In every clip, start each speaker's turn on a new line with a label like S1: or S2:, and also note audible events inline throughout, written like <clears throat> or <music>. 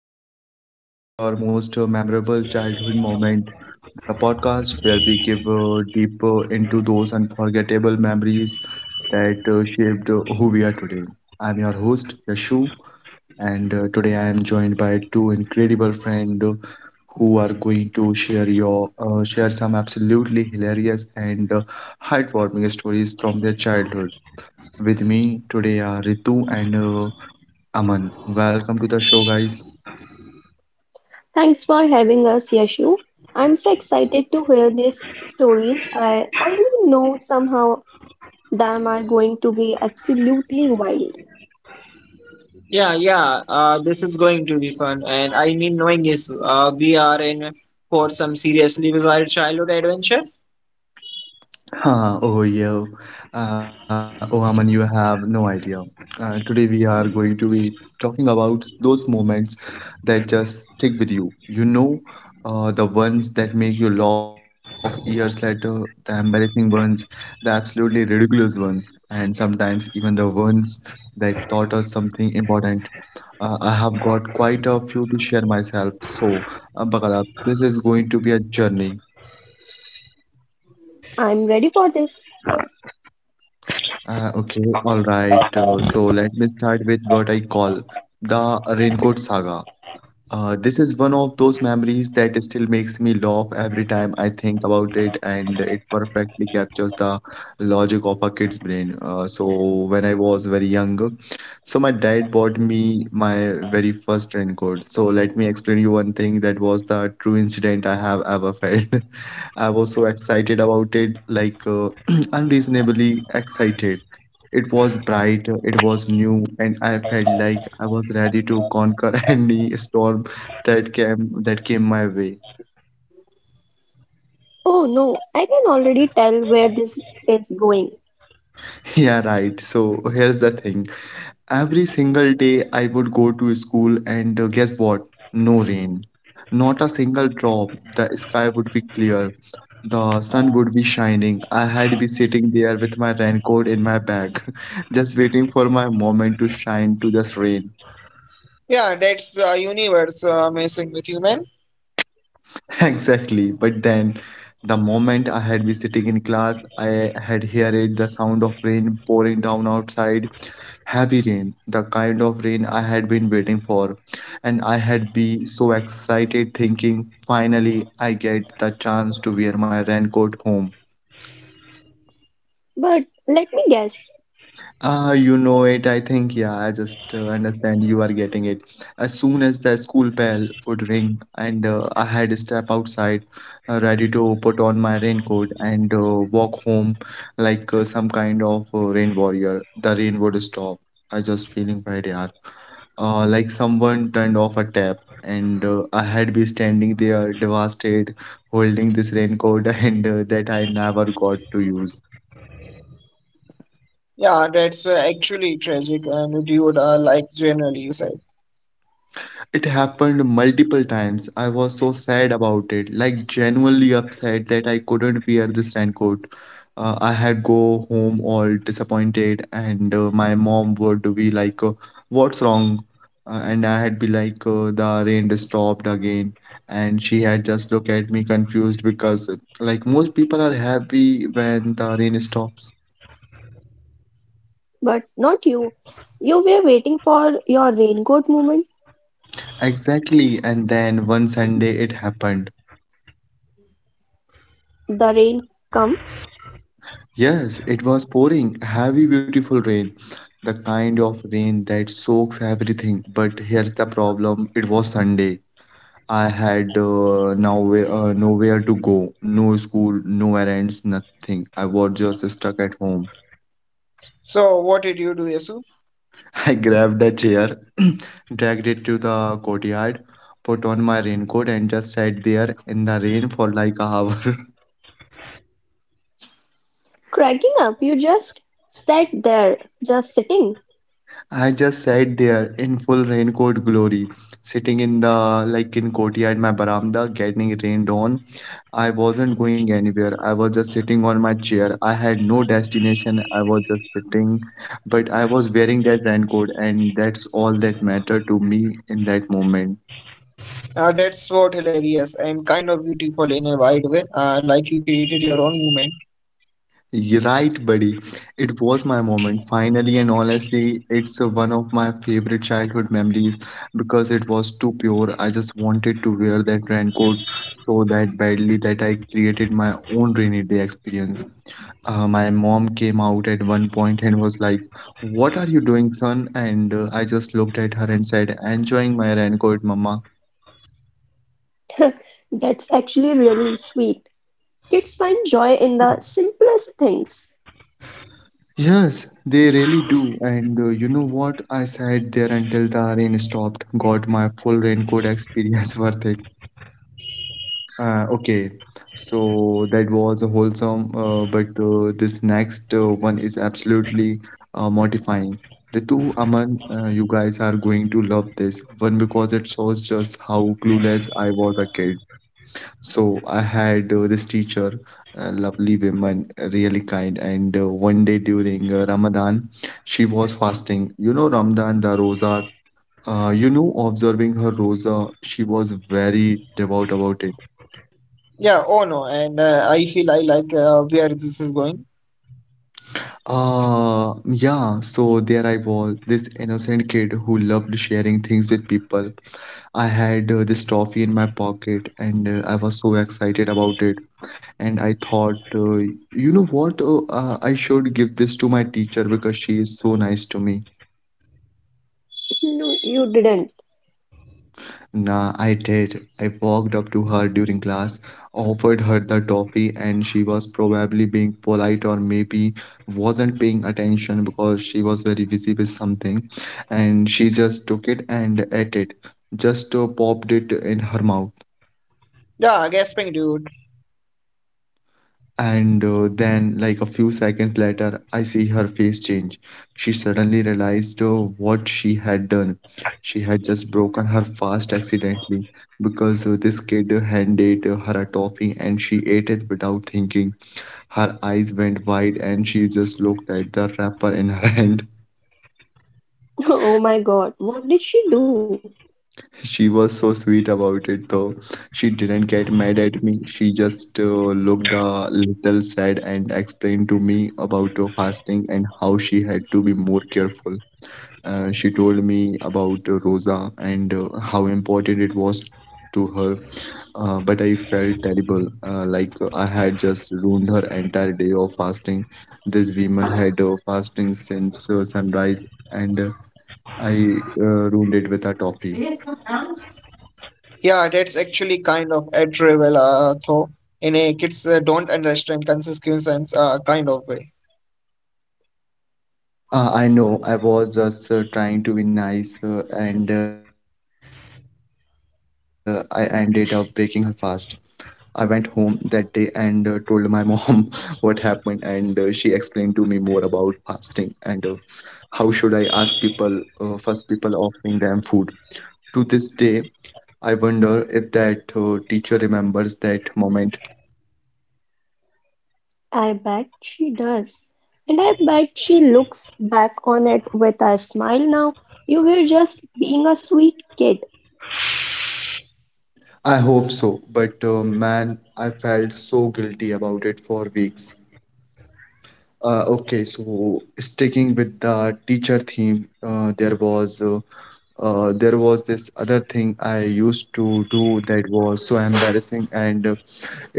S1: everyone, welcome back to your most memorable childhood moment, the podcast where we give deep into those unforgettable memories that shaped who we are today. I'm your host, Yashu, and today I am joined by two incredible friends who are going to share some absolutely hilarious and heartwarming stories from their childhood. With me today are Ritu and Aman. Welcome to the show, guys.
S2: Thanks for having us, Yashu. I'm so excited to hear these stories. I already know somehow them are going to be absolutely wild.
S3: Yeah, yeah, this is going to be fun. And I mean, knowing is we are in for some seriously bizarre childhood adventure.
S1: Haha, oh yeah, oh Aman, you have no idea. Today we are going to be talking about those moments that just stick with you. You know, the ones that make you laugh years later, the embarrassing ones, the absolutely ridiculous ones, and sometimes even the ones that taught us something important. I have got quite a few to share myself, so buckle up. This is going to be a journey.
S2: I'm ready for this.
S1: Okay, all right. So let me start with what I call the raincoat saga. This is one of those memories that still makes me laugh every time I think about it, and it perfectly captures the logic of a kid's brain. So when I was very young, so my dad bought me my very first raincoat. So let me explain you one thing that was the true incident I have ever felt. <laughs> I was so excited about it, like <clears throat> unreasonably excited. It was bright, it was new, and I felt like I was ready to conquer <laughs> any storm that came my way.
S2: Oh no, I can already tell where this is going.
S1: <laughs> Yeah, right. So here's the thing. Every single day I would go to school and guess what? No rain. Not a single drop. The sky would be clear. The sun would be shining. I had been sitting there with my raincoat in my bag, <laughs> just waiting for my moment to shine, to just rain.
S3: Yeah, that's universe messing with human.
S1: <laughs> Exactly. But then the moment I had been sitting in class, I had heard the sound of rain pouring down outside. Heavy rain, the kind of rain I had been waiting for. And I had been so excited thinking, finally I get the chance to wear my raincoat home.
S2: But let me guess.
S1: Ah, you know it. I think, yeah, I just understand you are getting it. As soon as the school bell would ring and I had to step outside, ready to put on my raincoat and walk home like some kind of rain warrior, the rain would stop. I just feeling bad, yeah. Like someone turned off a tap and I had be standing there devastated, holding this raincoat <laughs> and that I never got to use.
S3: Yeah, that's actually tragic and dude, like generally you said.
S1: It happened multiple times. I was so sad about it, like genuinely upset that I couldn't wear this raincoat. I had go home all disappointed, and my mom would be like, "What's wrong?" And I had be like, "The rain stopped again," and she had just look at me confused because, like, most people are happy when the rain stops.
S2: But not you. You were waiting for your raincoat moment.
S1: Exactly, and then one Sunday it happened.
S2: The rain come
S1: Yes, it was pouring heavy, beautiful rain, the kind of rain that soaks everything. But here's the problem, it was Sunday. I had nowhere to go, no school, no errands, nothing. I was just stuck at home.
S3: So what did you do, Yesu?
S1: <laughs> I grabbed a chair, <clears throat> dragged it to the courtyard, put on my raincoat, and just sat there in the rain for like a hour. <laughs>
S2: cracking up. You just sat there, just sitting.
S1: I just sat there in full raincoat glory, sitting in the like in courtyard, my veranda, getting rained on. I wasn't going anywhere. I was just sitting on my chair. I had no destination. I was just sitting, but I was wearing that raincoat, and that's all that mattered to me in that moment.
S3: That's what hilarious and kind of beautiful in a wide way. Like you created your own moment.
S1: You're right, buddy. It was my moment. Finally and honestly, it's one of my favorite childhood memories because it was too pure. I just wanted to wear that raincoat so that badly that I created my own rainy day experience. My mom came out at one point and was like, "What are you doing, son?" And I just looked at her and said, "Enjoying my raincoat, mama."
S2: <laughs> That's actually really sweet. Kids find joy in the simplest things.
S1: Yes, they really do. And you know what? I sat there until the rain stopped. Got my full raincoat experience <laughs> worth it. Okay, so that was a wholesome, but this next one is absolutely mortifying. Ritu, Aman, you guys are going to love this one because it shows just how clueless I was a kid. So I had this teacher, a lovely woman, really kind. And one day during Ramadan, she was fasting. You know, Ramadan, the rosas. You know, observing her rosa, she was very devout about it.
S3: Yeah, oh no, and I feel I like where this is going.
S1: Yeah, so there I was, this innocent kid who loved sharing things with people. I had this toffee in my pocket and I was so excited about it. And I thought, you know what? Oh, I should give this to my teacher because she is so nice to me.
S2: No, you didn't.
S1: Nah, I did. I walked up to her during class, offered her the toffee, and she was probably being polite or maybe wasn't paying attention because she was very busy with something. And she just took it and ate it, just popped it in her mouth.
S3: Yeah, gasping dude.
S1: And then, like a few seconds later, I see her face change. She suddenly realized what she had done. She had just broken her fast accidentally because this kid handed her a toffee and she ate it without thinking. Her eyes went wide and she just looked at the wrapper in her <laughs> hand.
S2: <laughs> Oh my God, what did she do?
S1: She was so sweet about it, though. She didn't get mad at me. She just looked a little sad and explained to me about her fasting and how she had to be more careful. She told me about Rosa and how important it was to her. But I felt terrible, like I had just ruined her entire day of fasting. This woman had fasting since sunrise, and I ruined it with a toffee.
S3: Yeah, that's actually kind of admirable, though, in a kids don't understand consequences kind of way.
S1: I know. I was just trying to be nice, and I ended up breaking her fast. I went home that day and told my mom <laughs> what happened, and she explained to me more about fasting and how should I ask people, first people offering them food. To this day, I wonder if that teacher remembers that moment.
S2: I bet she does. And I bet she looks back on it with a smile now. You were just being a sweet kid.
S1: I hope so, but man, I felt so guilty about it for weeks. Okay, so sticking with the teacher theme, there was this other thing I used to do that was so embarrassing, and uh,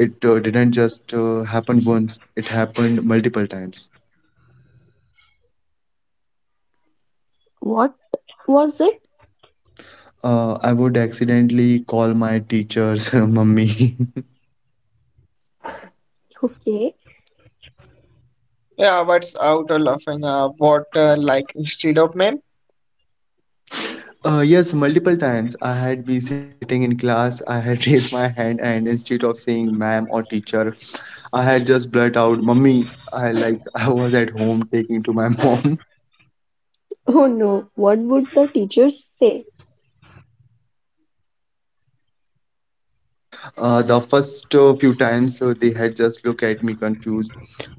S1: it uh, didn't just happen once; it happened multiple times.
S2: What was it?
S1: I would accidentally call my teachers <laughs> mummy.
S2: Okay.
S3: Yeah, what's out of laughing? What, like, instead of men,
S1: Yes, multiple times I had been sitting in class, I had <laughs> raised my hand, and instead of saying ma'am or teacher, I had just blurt out, "Mummy!" I like <laughs> I was at home taking to my <laughs> mom.
S2: Oh no, what would the teachers say?
S1: The first few times they had just looked at me confused.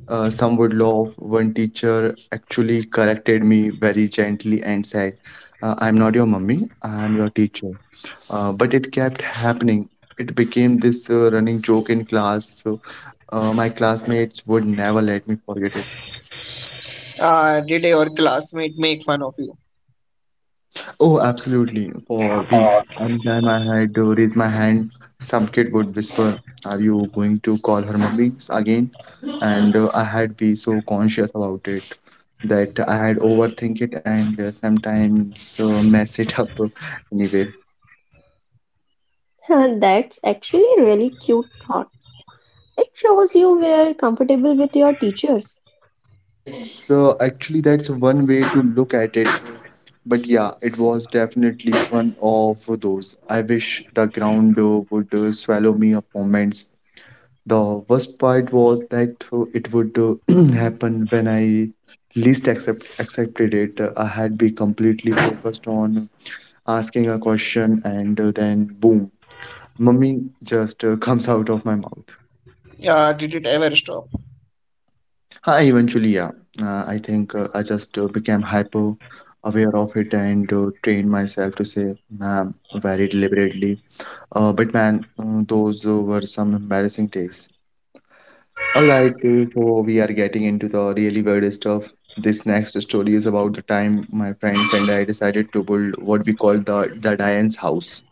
S1: Some would laugh. One teacher actually corrected me very gently and said, "I'm not your mummy. I'm your teacher." But it kept happening. It became this running joke in class. So my classmates would never let me forget it.
S3: did your classmate make fun of you?
S1: Oh, absolutely. For weeks, anytime I had to raise my hand, some kid would whisper, Are you going to call her mummy again? And I had be so conscious about it that I had overthink it and sometimes mess it up <laughs> anyway.
S2: <laughs> That's actually a really cute thought. It shows you were comfortable with your teachers.
S1: That's actually that's one way to look at it. But yeah, it was definitely one of those. I wish the ground would swallow me up moments. The worst part was that it would <clears throat> happen when I accepted it. I had been completely focused on asking a question, and then boom, mummy just comes <laughs> out of my mouth.
S3: Yeah, did it ever stop?
S1: I eventually, yeah, I think I just became hyper aware of it and trained myself to say ma'am very deliberately. But man, those were some embarrassing days. All right, so we are getting into the really weird stuff. This next story is about the time my friends and I decided to build what we call the Diane's house.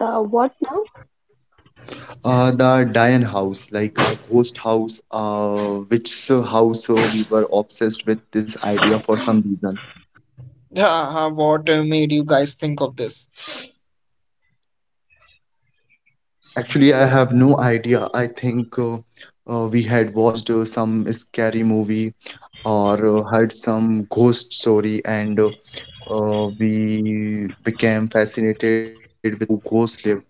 S2: What now?
S1: The Diane house, like a ghost house, which house we were obsessed with this idea for some reason.
S3: Yeah, what made you guys think of this?
S1: Actually, I have no idea. I think we had watched some scary movie or heard some ghost story, and we became fascinated with how ghosts lives.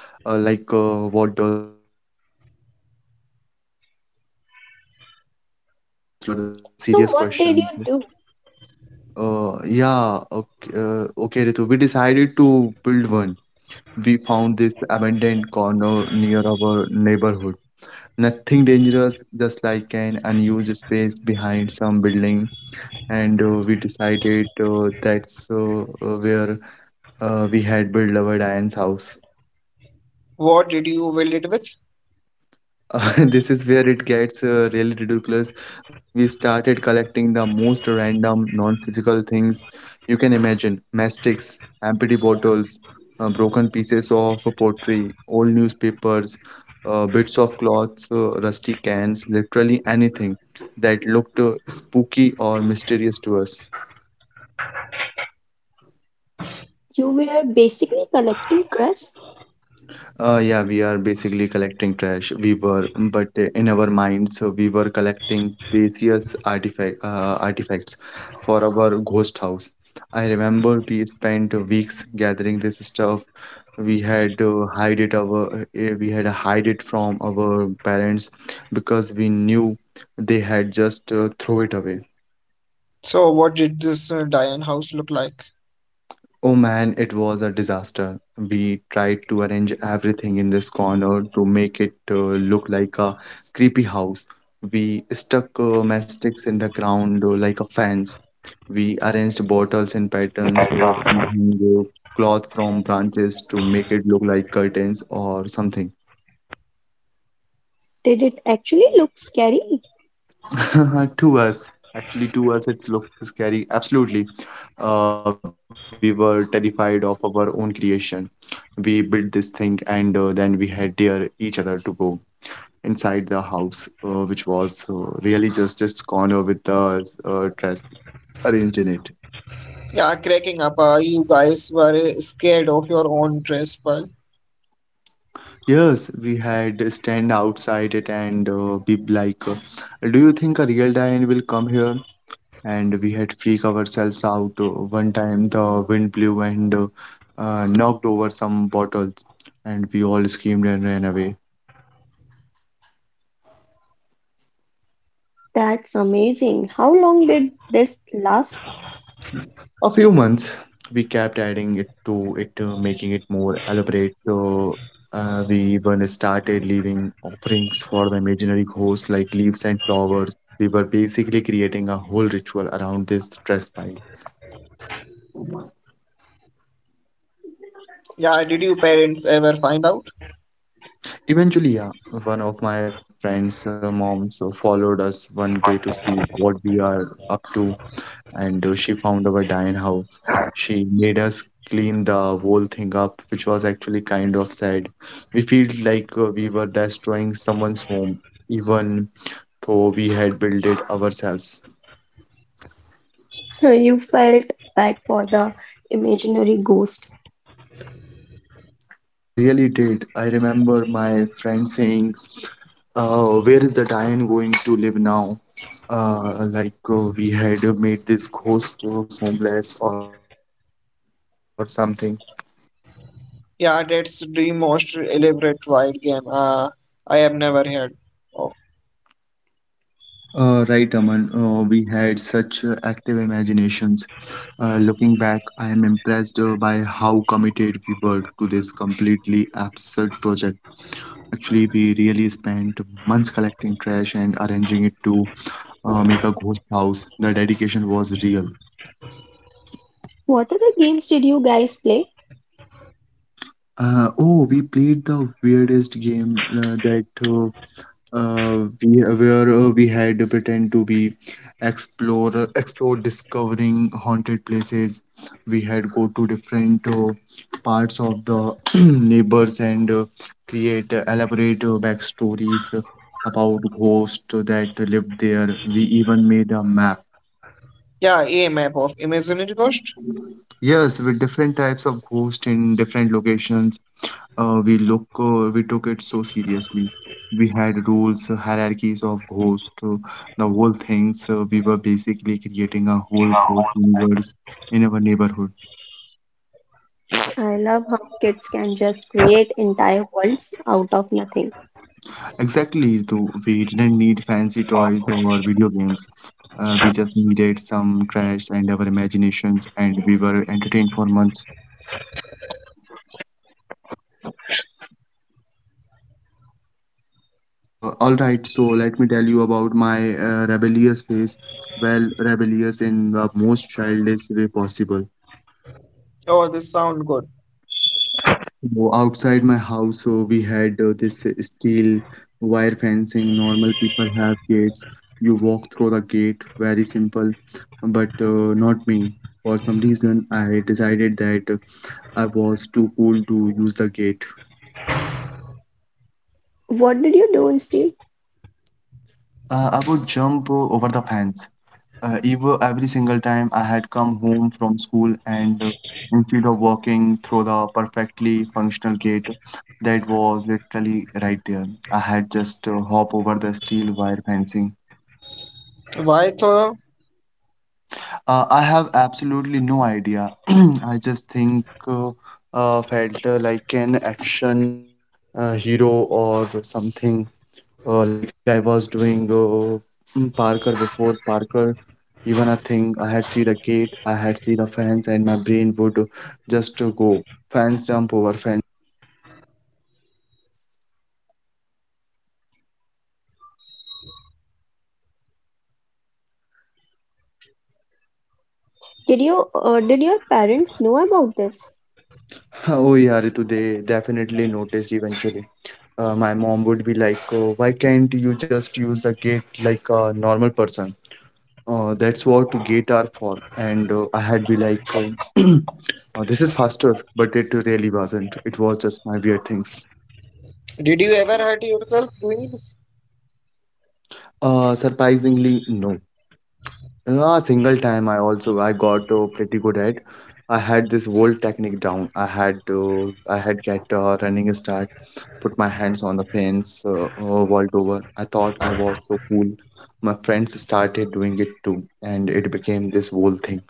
S1: What does ghost house look like? What kind of stuff do they have? These were the
S2: So,
S1: serious
S2: what did you
S1: questions.
S2: do?
S1: Yeah, okay, Ritu. We decided to build one. We found this abandoned corner near our neighborhood. Nothing dangerous, just like an unused space behind some building. And we decided that's where we had built our Diane's house.
S3: What did you build it with?
S1: <laughs> This is where it gets really ridiculous. We started collecting the most random, non-physical things you can imagine: mastics, empty bottles, broken pieces of pottery, old newspapers, bits of cloths, rusty cans, literally anything that looked spooky or mysterious to us.
S2: You were basically collecting crusts.
S1: Yeah, we are basically collecting trash. We were, but in our minds, we were collecting precious artifacts for our ghost house. I remember we spent weeks gathering this stuff. We had to hide it from our parents because we knew they had just throw it away.
S3: So, what did this Diane house look like?
S1: Oh man, it was a disaster. We tried to arrange everything in this corner to make it look like a creepy house. We stuck matchsticks in the ground like a fence. We arranged bottles in patterns. We hung cloth from branches to make it look like curtains or something.
S2: Did it actually look scary?
S1: <laughs> to us, to us, it looks scary. Absolutely. We were terrified of our own creation. We built this thing and then we had dear each other to go inside the house, which was really just this corner with the dress arranged in it.
S3: Yeah, cracking up. You guys were scared of your own dress, but
S1: Yes, we had stand outside it and be like, do you think a real lion will come here? And we had freak ourselves out. One time the wind blew and knocked over some bottles, and we all screamed and ran away.
S2: That's amazing. How long did this last?
S1: A few months, we kept adding it to it, making it more elaborate. So we even started leaving offerings for the imaginary ghost, like leaves and flowers. We were basically creating a whole ritual around this stress pile.
S3: yeah, did your parents ever find out?
S1: Eventually, yeah, one of my friend's moms followed us one day to see what we are up to, and she found our dying house. She made us clean the whole thing up, which was actually kind of sad. We feel like we were destroying someone's home, even though we had built it ourselves.
S2: <laughs> You felt bad for the imaginary ghost.
S1: Ah, we really did. I remember my friend saying, where is the Diane going to live now? We had made this ghost homeless or something.
S3: Yeah, that's the most elaborate wild game I have never heard of.
S1: Right, Aman. We had such active imaginations. Looking back, I am impressed by how committed we were to this completely absurd project. Actually, we really spent months collecting trash and arranging it to make a ghost house. The dedication was real.
S2: What other games did you guys play?
S1: Oh, we played the weirdest game that we where we had to pretend to be explore explore discovering haunted places. We had go to different parts of the <clears throat> neighbors and create elaborate backstories about ghosts that lived there. We even made a map.
S3: Yeah, a map of imaginary ghost.
S1: Yes, with different types of ghosts in different locations. We took it so seriously. We had rules, hierarchies of ghosts, the whole things. We were basically creating a whole ghost universe in our neighborhood.
S2: I love how kids can just create entire worlds out of nothing.
S1: Exactly, though we didn't need fancy toys or video games. We just needed some trash and our imaginations, and we were entertained for months. And all right, so let me tell you about my rebellious phase. Well, rebellious in the most childish way possible.
S3: Oh, this sound good.
S1: So outside my house, so we had this steel wire fencing. Normal people have gates. You walk through the gate, very simple. But not me. For some reason, I decided that I was too cool to use the gate.
S2: What did you do, instead?
S1: I would jump over the fence. Every single time I had come home from school and instead of walking through the perfectly functional gate that was literally right there, I had just hop over the steel wire fencing.
S3: Why though?
S1: I have absolutely no idea. <clears throat> I just think felt like an action hero or something. Like I was doing Parker before Parker, even. I think I had see the gate, I had see the fence, and my brain would just to go fence, jump over fence. <laughs>
S2: Did you did your parents know about this?
S1: Oh yeah, Ritu, they definitely noticed eventually. My mom would be like, oh, why can't you just use the gate like a normal person? That's what gate are for. And I had be like, oh, <clears throat> this is faster, but it really wasn't. It was just my weird things.
S3: Did you ever hurt yourself doing this?
S1: Surprisingly, no. A single time I also I got pretty good at. I had this whole technique down. I had get a running start, put my hands on the fence, vault over. I thought I was so cool. My friends started doing it too, and it became this whole thing.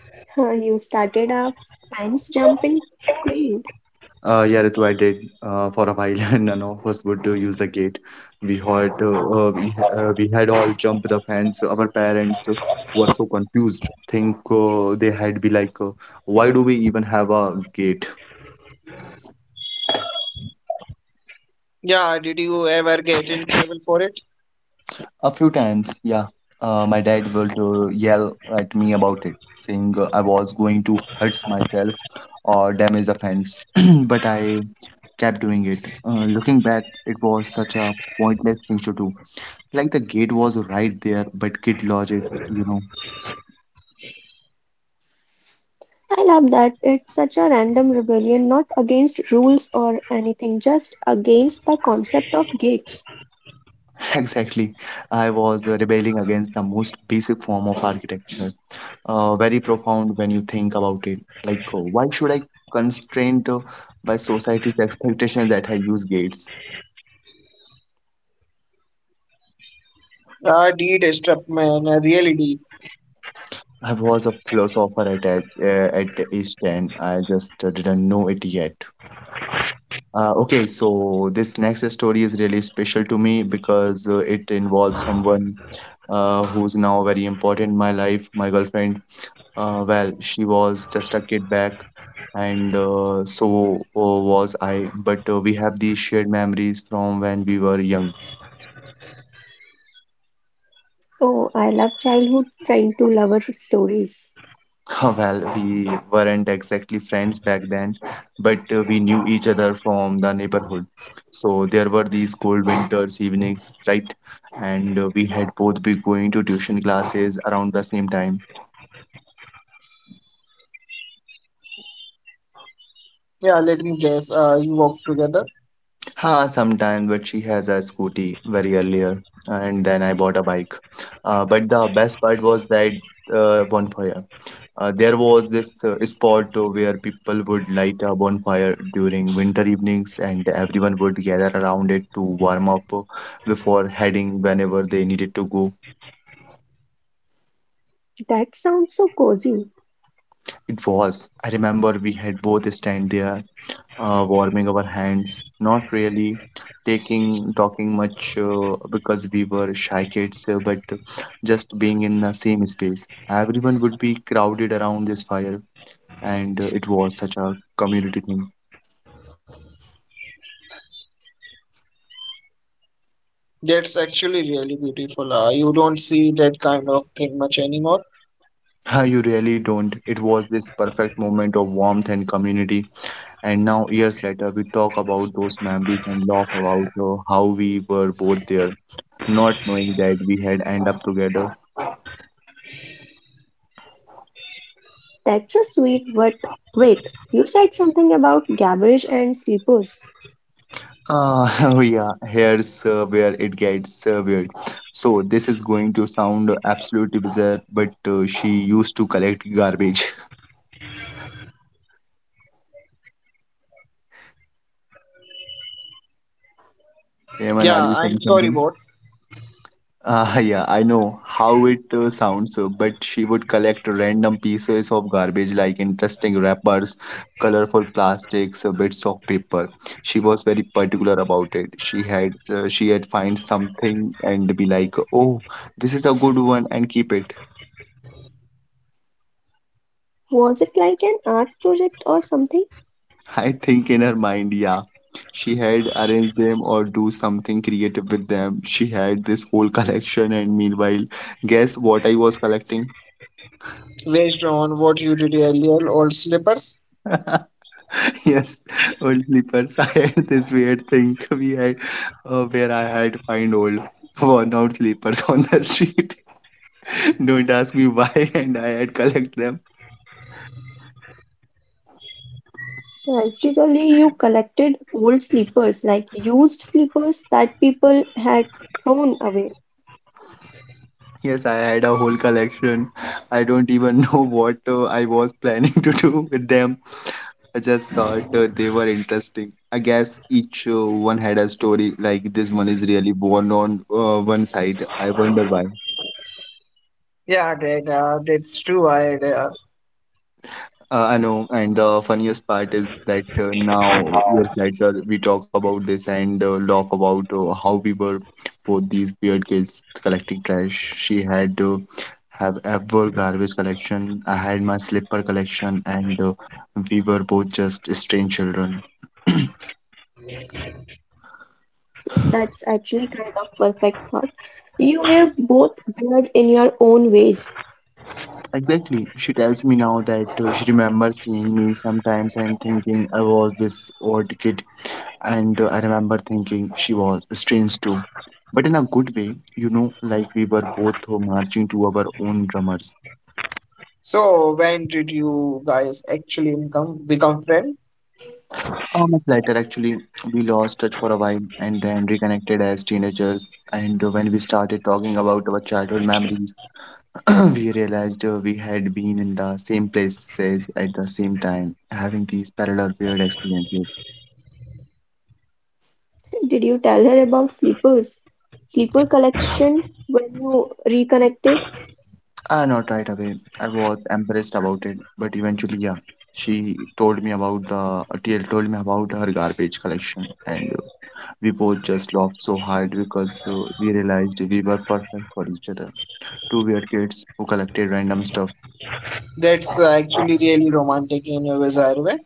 S2: <laughs> You started a fence jumping trail.
S1: Yeah, Ritu, I did for a while, <laughs> and none of us would use the gate. We had all jumped the fence. Our parents were so confused. Think they had be like, why do we even have a gate?
S3: Yeah, did you ever get in trouble for it?
S1: A few times, yeah. My dad would yell at me about it, saying I was going to hurt myself or damage the fence, <clears throat> but I kept doing it. Looking back, it was such a pointless thing to do. Like the gate was right there, but kid logic, you know.
S2: I love that it's such a random rebellion, not against rules or anything, just against the concept of gates.
S1: <laughs> Exactly. I was rebelling against the most basic form of architecture. Very profound when you think about it. Why should I constrained by society's expectations that I use gates?
S3: Yeah, I did a strap man, I really did.
S1: I was a philosopher at age 10. I just didn't know it yet. Okay, so this next story is really special to me because it involves someone who's now very important in my life, my girlfriend. Well, she was just a kid back, and so was I, but we have these shared memories from when we were young.
S2: Oh, I love childhood trying to lover stories.
S1: <laughs> Well, we weren't exactly friends back then, but we knew each other from the neighborhood. So there were these cold winters evenings, right? And we had both been going to tuition classes around the same time.
S3: Yeah, let me guess. You walked together.
S1: Ha, sometimes, but she has a scooty very earlier, and then I bought a bike. But the best part was that bonfire. There was this spot where people would light a bonfire during winter evenings, and everyone would gather around it to warm up before heading whenever they needed to go.
S2: That sounds so cozy.
S1: It was. I remember we had both stand there, warming our hands, not really taking talking much because we were shy kids, but just being in the same space. Everyone would be crowded around this fire, and it was such a community thing.
S3: That's actually really beautiful. You don't see that kind of thing much anymore.
S1: Ah, you really don't. It was this perfect moment of warmth and community. And now, years later, we talk about those memories and laugh about how we were both there, not knowing that we had end up together.
S2: That's so sweet, but wait, you said something about garbage and sleepers.
S1: Ah, <laughs> oh yeah, here's where it gets weird. So this is going to sound absolutely bizarre, but she used to collect garbage. <laughs> Eamon,
S3: Yeah,
S1: are you
S3: I'm
S1: saying
S3: sorry,
S1: something?
S3: bot.
S1: Ah, yeah, I know how it sounds, but she would collect random pieces of garbage like interesting wrappers, colorful plastics, bits of paper. She was very particular about it. She had find something and be like, "Oh, this is a good one," and keep it.
S2: Was it like an art project or something?
S1: <laughs> I think in her mind, yeah, she had arranged them or do something creative with them. She had this whole <laughs> collection, and meanwhile, guess what I was collecting?
S3: Based on what you did earlier, old slippers.
S1: <laughs> Yes, old slippers. <laughs> I had this weird thing we had where I had to find old worn out slippers <laughs> on the street. <laughs> Don't ask me why, <laughs> and I had collect them.
S2: Basically, you collected old sleepers, like used sleepers that people had thrown away.
S1: Yes, I had a whole collection. I don't even <laughs> know what I was planning <laughs> to do with them. I just thought they were interesting. I guess each one had a story. Like this one is really worn on one side. I wonder why.
S3: Yeah, that, that's true. I
S1: I know, and the funniest part is that now years later we talk about this and laugh about how we were both these weird kids collecting trash. She had have ever garbage collection. I had my slipper collection, and we were both just strange children.
S2: That's actually kind of perfect thought. You were both weird in your own ways.
S1: Exactly. She tells me now that she remembers seeing me sometimes and thinking I was this odd kid. And I remember thinking she was strange too, but in a good way, you know, like we were both marching to our own drummers.
S3: so when did you guys actually become friends?
S1: A month later, actually, we lost touch for a while and then reconnected as teenagers. And when we started talking about our childhood memories, <clears throat> we realized we had been in the same places at the same time, having these parallel weird experiences.
S2: Did you tell her about sleepers? Sleeper collection when you reconnected?
S1: Not right away. I was embarrassed about it, but eventually, yeah, she told me about the TL told me about her garbage collection, and we both just laughed so hard because we realized we were perfect for each other. Two weird kids who collected random stuff.
S3: That's actually really romantic in a bizarre way.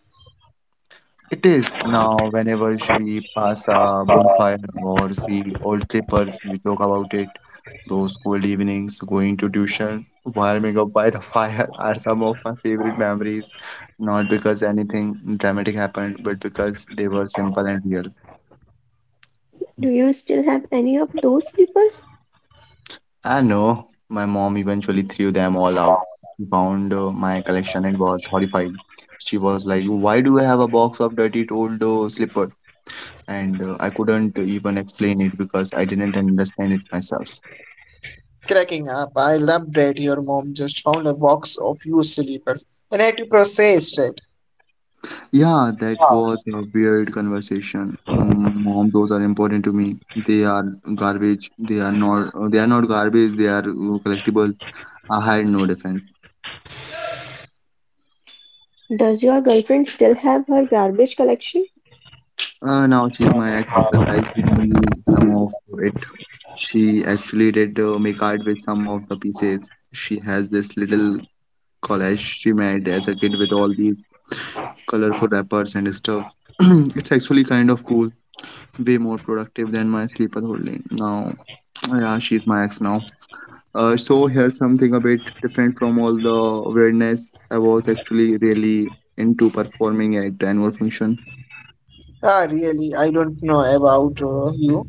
S1: It is now whenever we pass a bonfire or see old clippers, we talk about it. Those cold evenings, going to tuition, warming up by the <laughs> fire are some of my favorite memories. Not because anything dramatic happened, but because they were simple and real.
S2: Do you still have any of those sleepers?
S1: I know my mom eventually threw them all out. She found my collection and was horrified. She was like, "Why do I have a box of dirty old slippers?" And I couldn't even explain it because I didn't understand it myself.
S3: Cracking up, I love that your mom just found a box of used slippers and had to process it.
S1: Yeah, that was a weird conversation. Mm, "Mom, those are important to me." "They are garbage." "They are not. They are not garbage. They are collectible." I had no defense.
S2: Does your girlfriend still have her garbage collection?
S1: Now she's my ex. Surprisingly, some of it. She actually did make art with some of the pieces. She has this little collage she made as a kid with all these colorful wrappers and stuff. <clears throat> It's actually kind of cool. Way more productive than my sleeper holding. Now, yeah, she's my ex now. So here's something a bit different from all the weirdness. I was actually really into performing at the annual function.
S3: Ah, really? I don't know about you.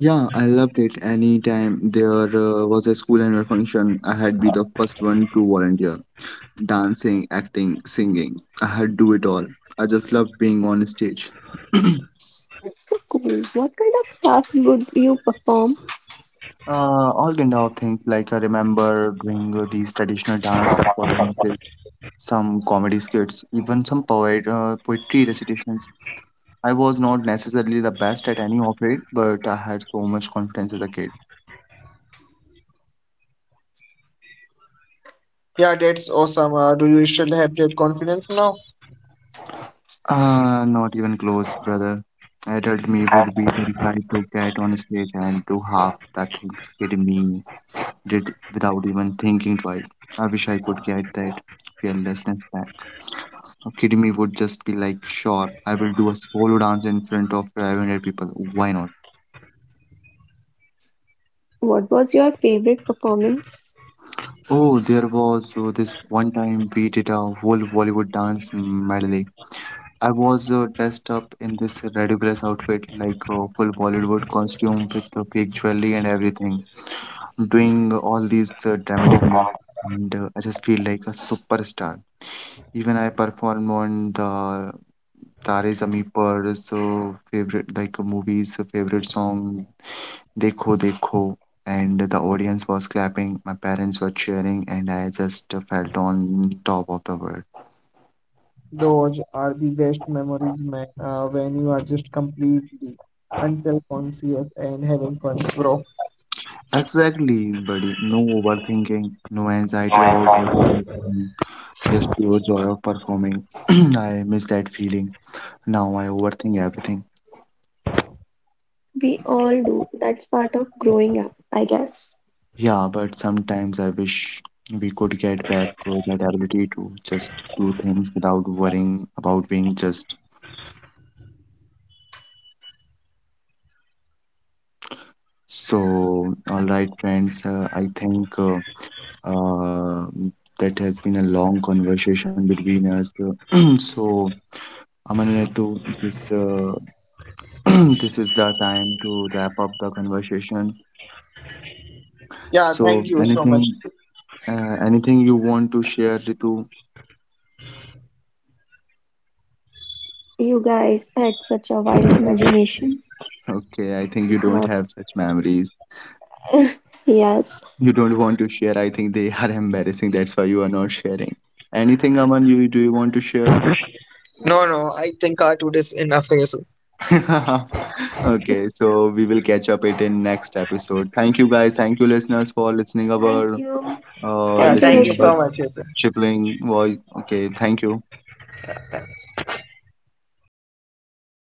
S1: Yeah, I loved it. Anytime there was a school annual function, I had be the first one to volunteer. Dancing, acting, singing. I had do it all. I just loved being on stage. <clears throat> uh,
S2: So cool. What kind of stuff would you perform?
S1: all kind of things, like I remember doing these traditional dance performances, some comedy skits, even some poetry recitations. I was not necessarily the best at any of it, but I had so much confidence as a kid.
S3: Yeah, that's awesome. Do you still have that confidence now?
S1: Not even close, brother. Adult me would be terrified to get on stage and do half the things kid me did without even thinking twice. I wish I could get that fearlessness back. A kid me would just be like, sure, I will do a solo dance in front of 500 people. Why not?
S2: What was your favorite performance?
S1: Oh, there was this one time we did a whole Bollywood dance medley. I was dressed up in this ridiculous outfit, like a full Bollywood costume with the fake jewelry and everything, doing all these dramatic moves, and I just feel like a superstar. Even I performed on the Tare Zameen Par, so favorite like a movie's favorite song, Dekho Dekho, and the audience was clapping, my parents were cheering, and I just felt on top of the world.
S3: Those are the best memories, man, when you are just completely unself-conscious and having fun, bro.
S1: Exactly, buddy. No overthinking, no anxiety about multitasking, just pure joy of performing. <clears throat> I miss that feeling. Now I overthink everything.
S2: We all do. That's part of growing up, I guess.
S1: Yeah, but sometimes I wish we could get back that ability to just do things without worrying about being just. So, all right, friends, I think. Uh, that has been a long conversation between us. <clears throat> So, Aman and Ritu, this <clears throat> this is the time to wrap up the conversation.
S3: Yeah,
S1: So,
S3: thank you so much.
S1: anything anything you want to share, Ritu?
S2: You guys had such a wild imagination.
S1: Okay, I think you don't
S2: Uh,
S1: have such memories.
S2: <laughs> Yes.
S1: You don't want to share. I think they are <laughs> embarrassing. That's why you are not sharing. Anything, Aman, you do you want to share?
S3: No, no, I think our tour is enough, Yesu.
S1: <laughs> Okay, so we will catch up it in next episode. Thank you, guys. Thank you, listeners, for listening
S2: Thank
S1: our
S2: you.
S3: Yeah,
S2: Thank you,
S3: thank
S1: listening
S3: you
S1: about
S3: so
S2: Yashu.
S3: much, Yesu.
S1: Chipling voice. Okay, thank you.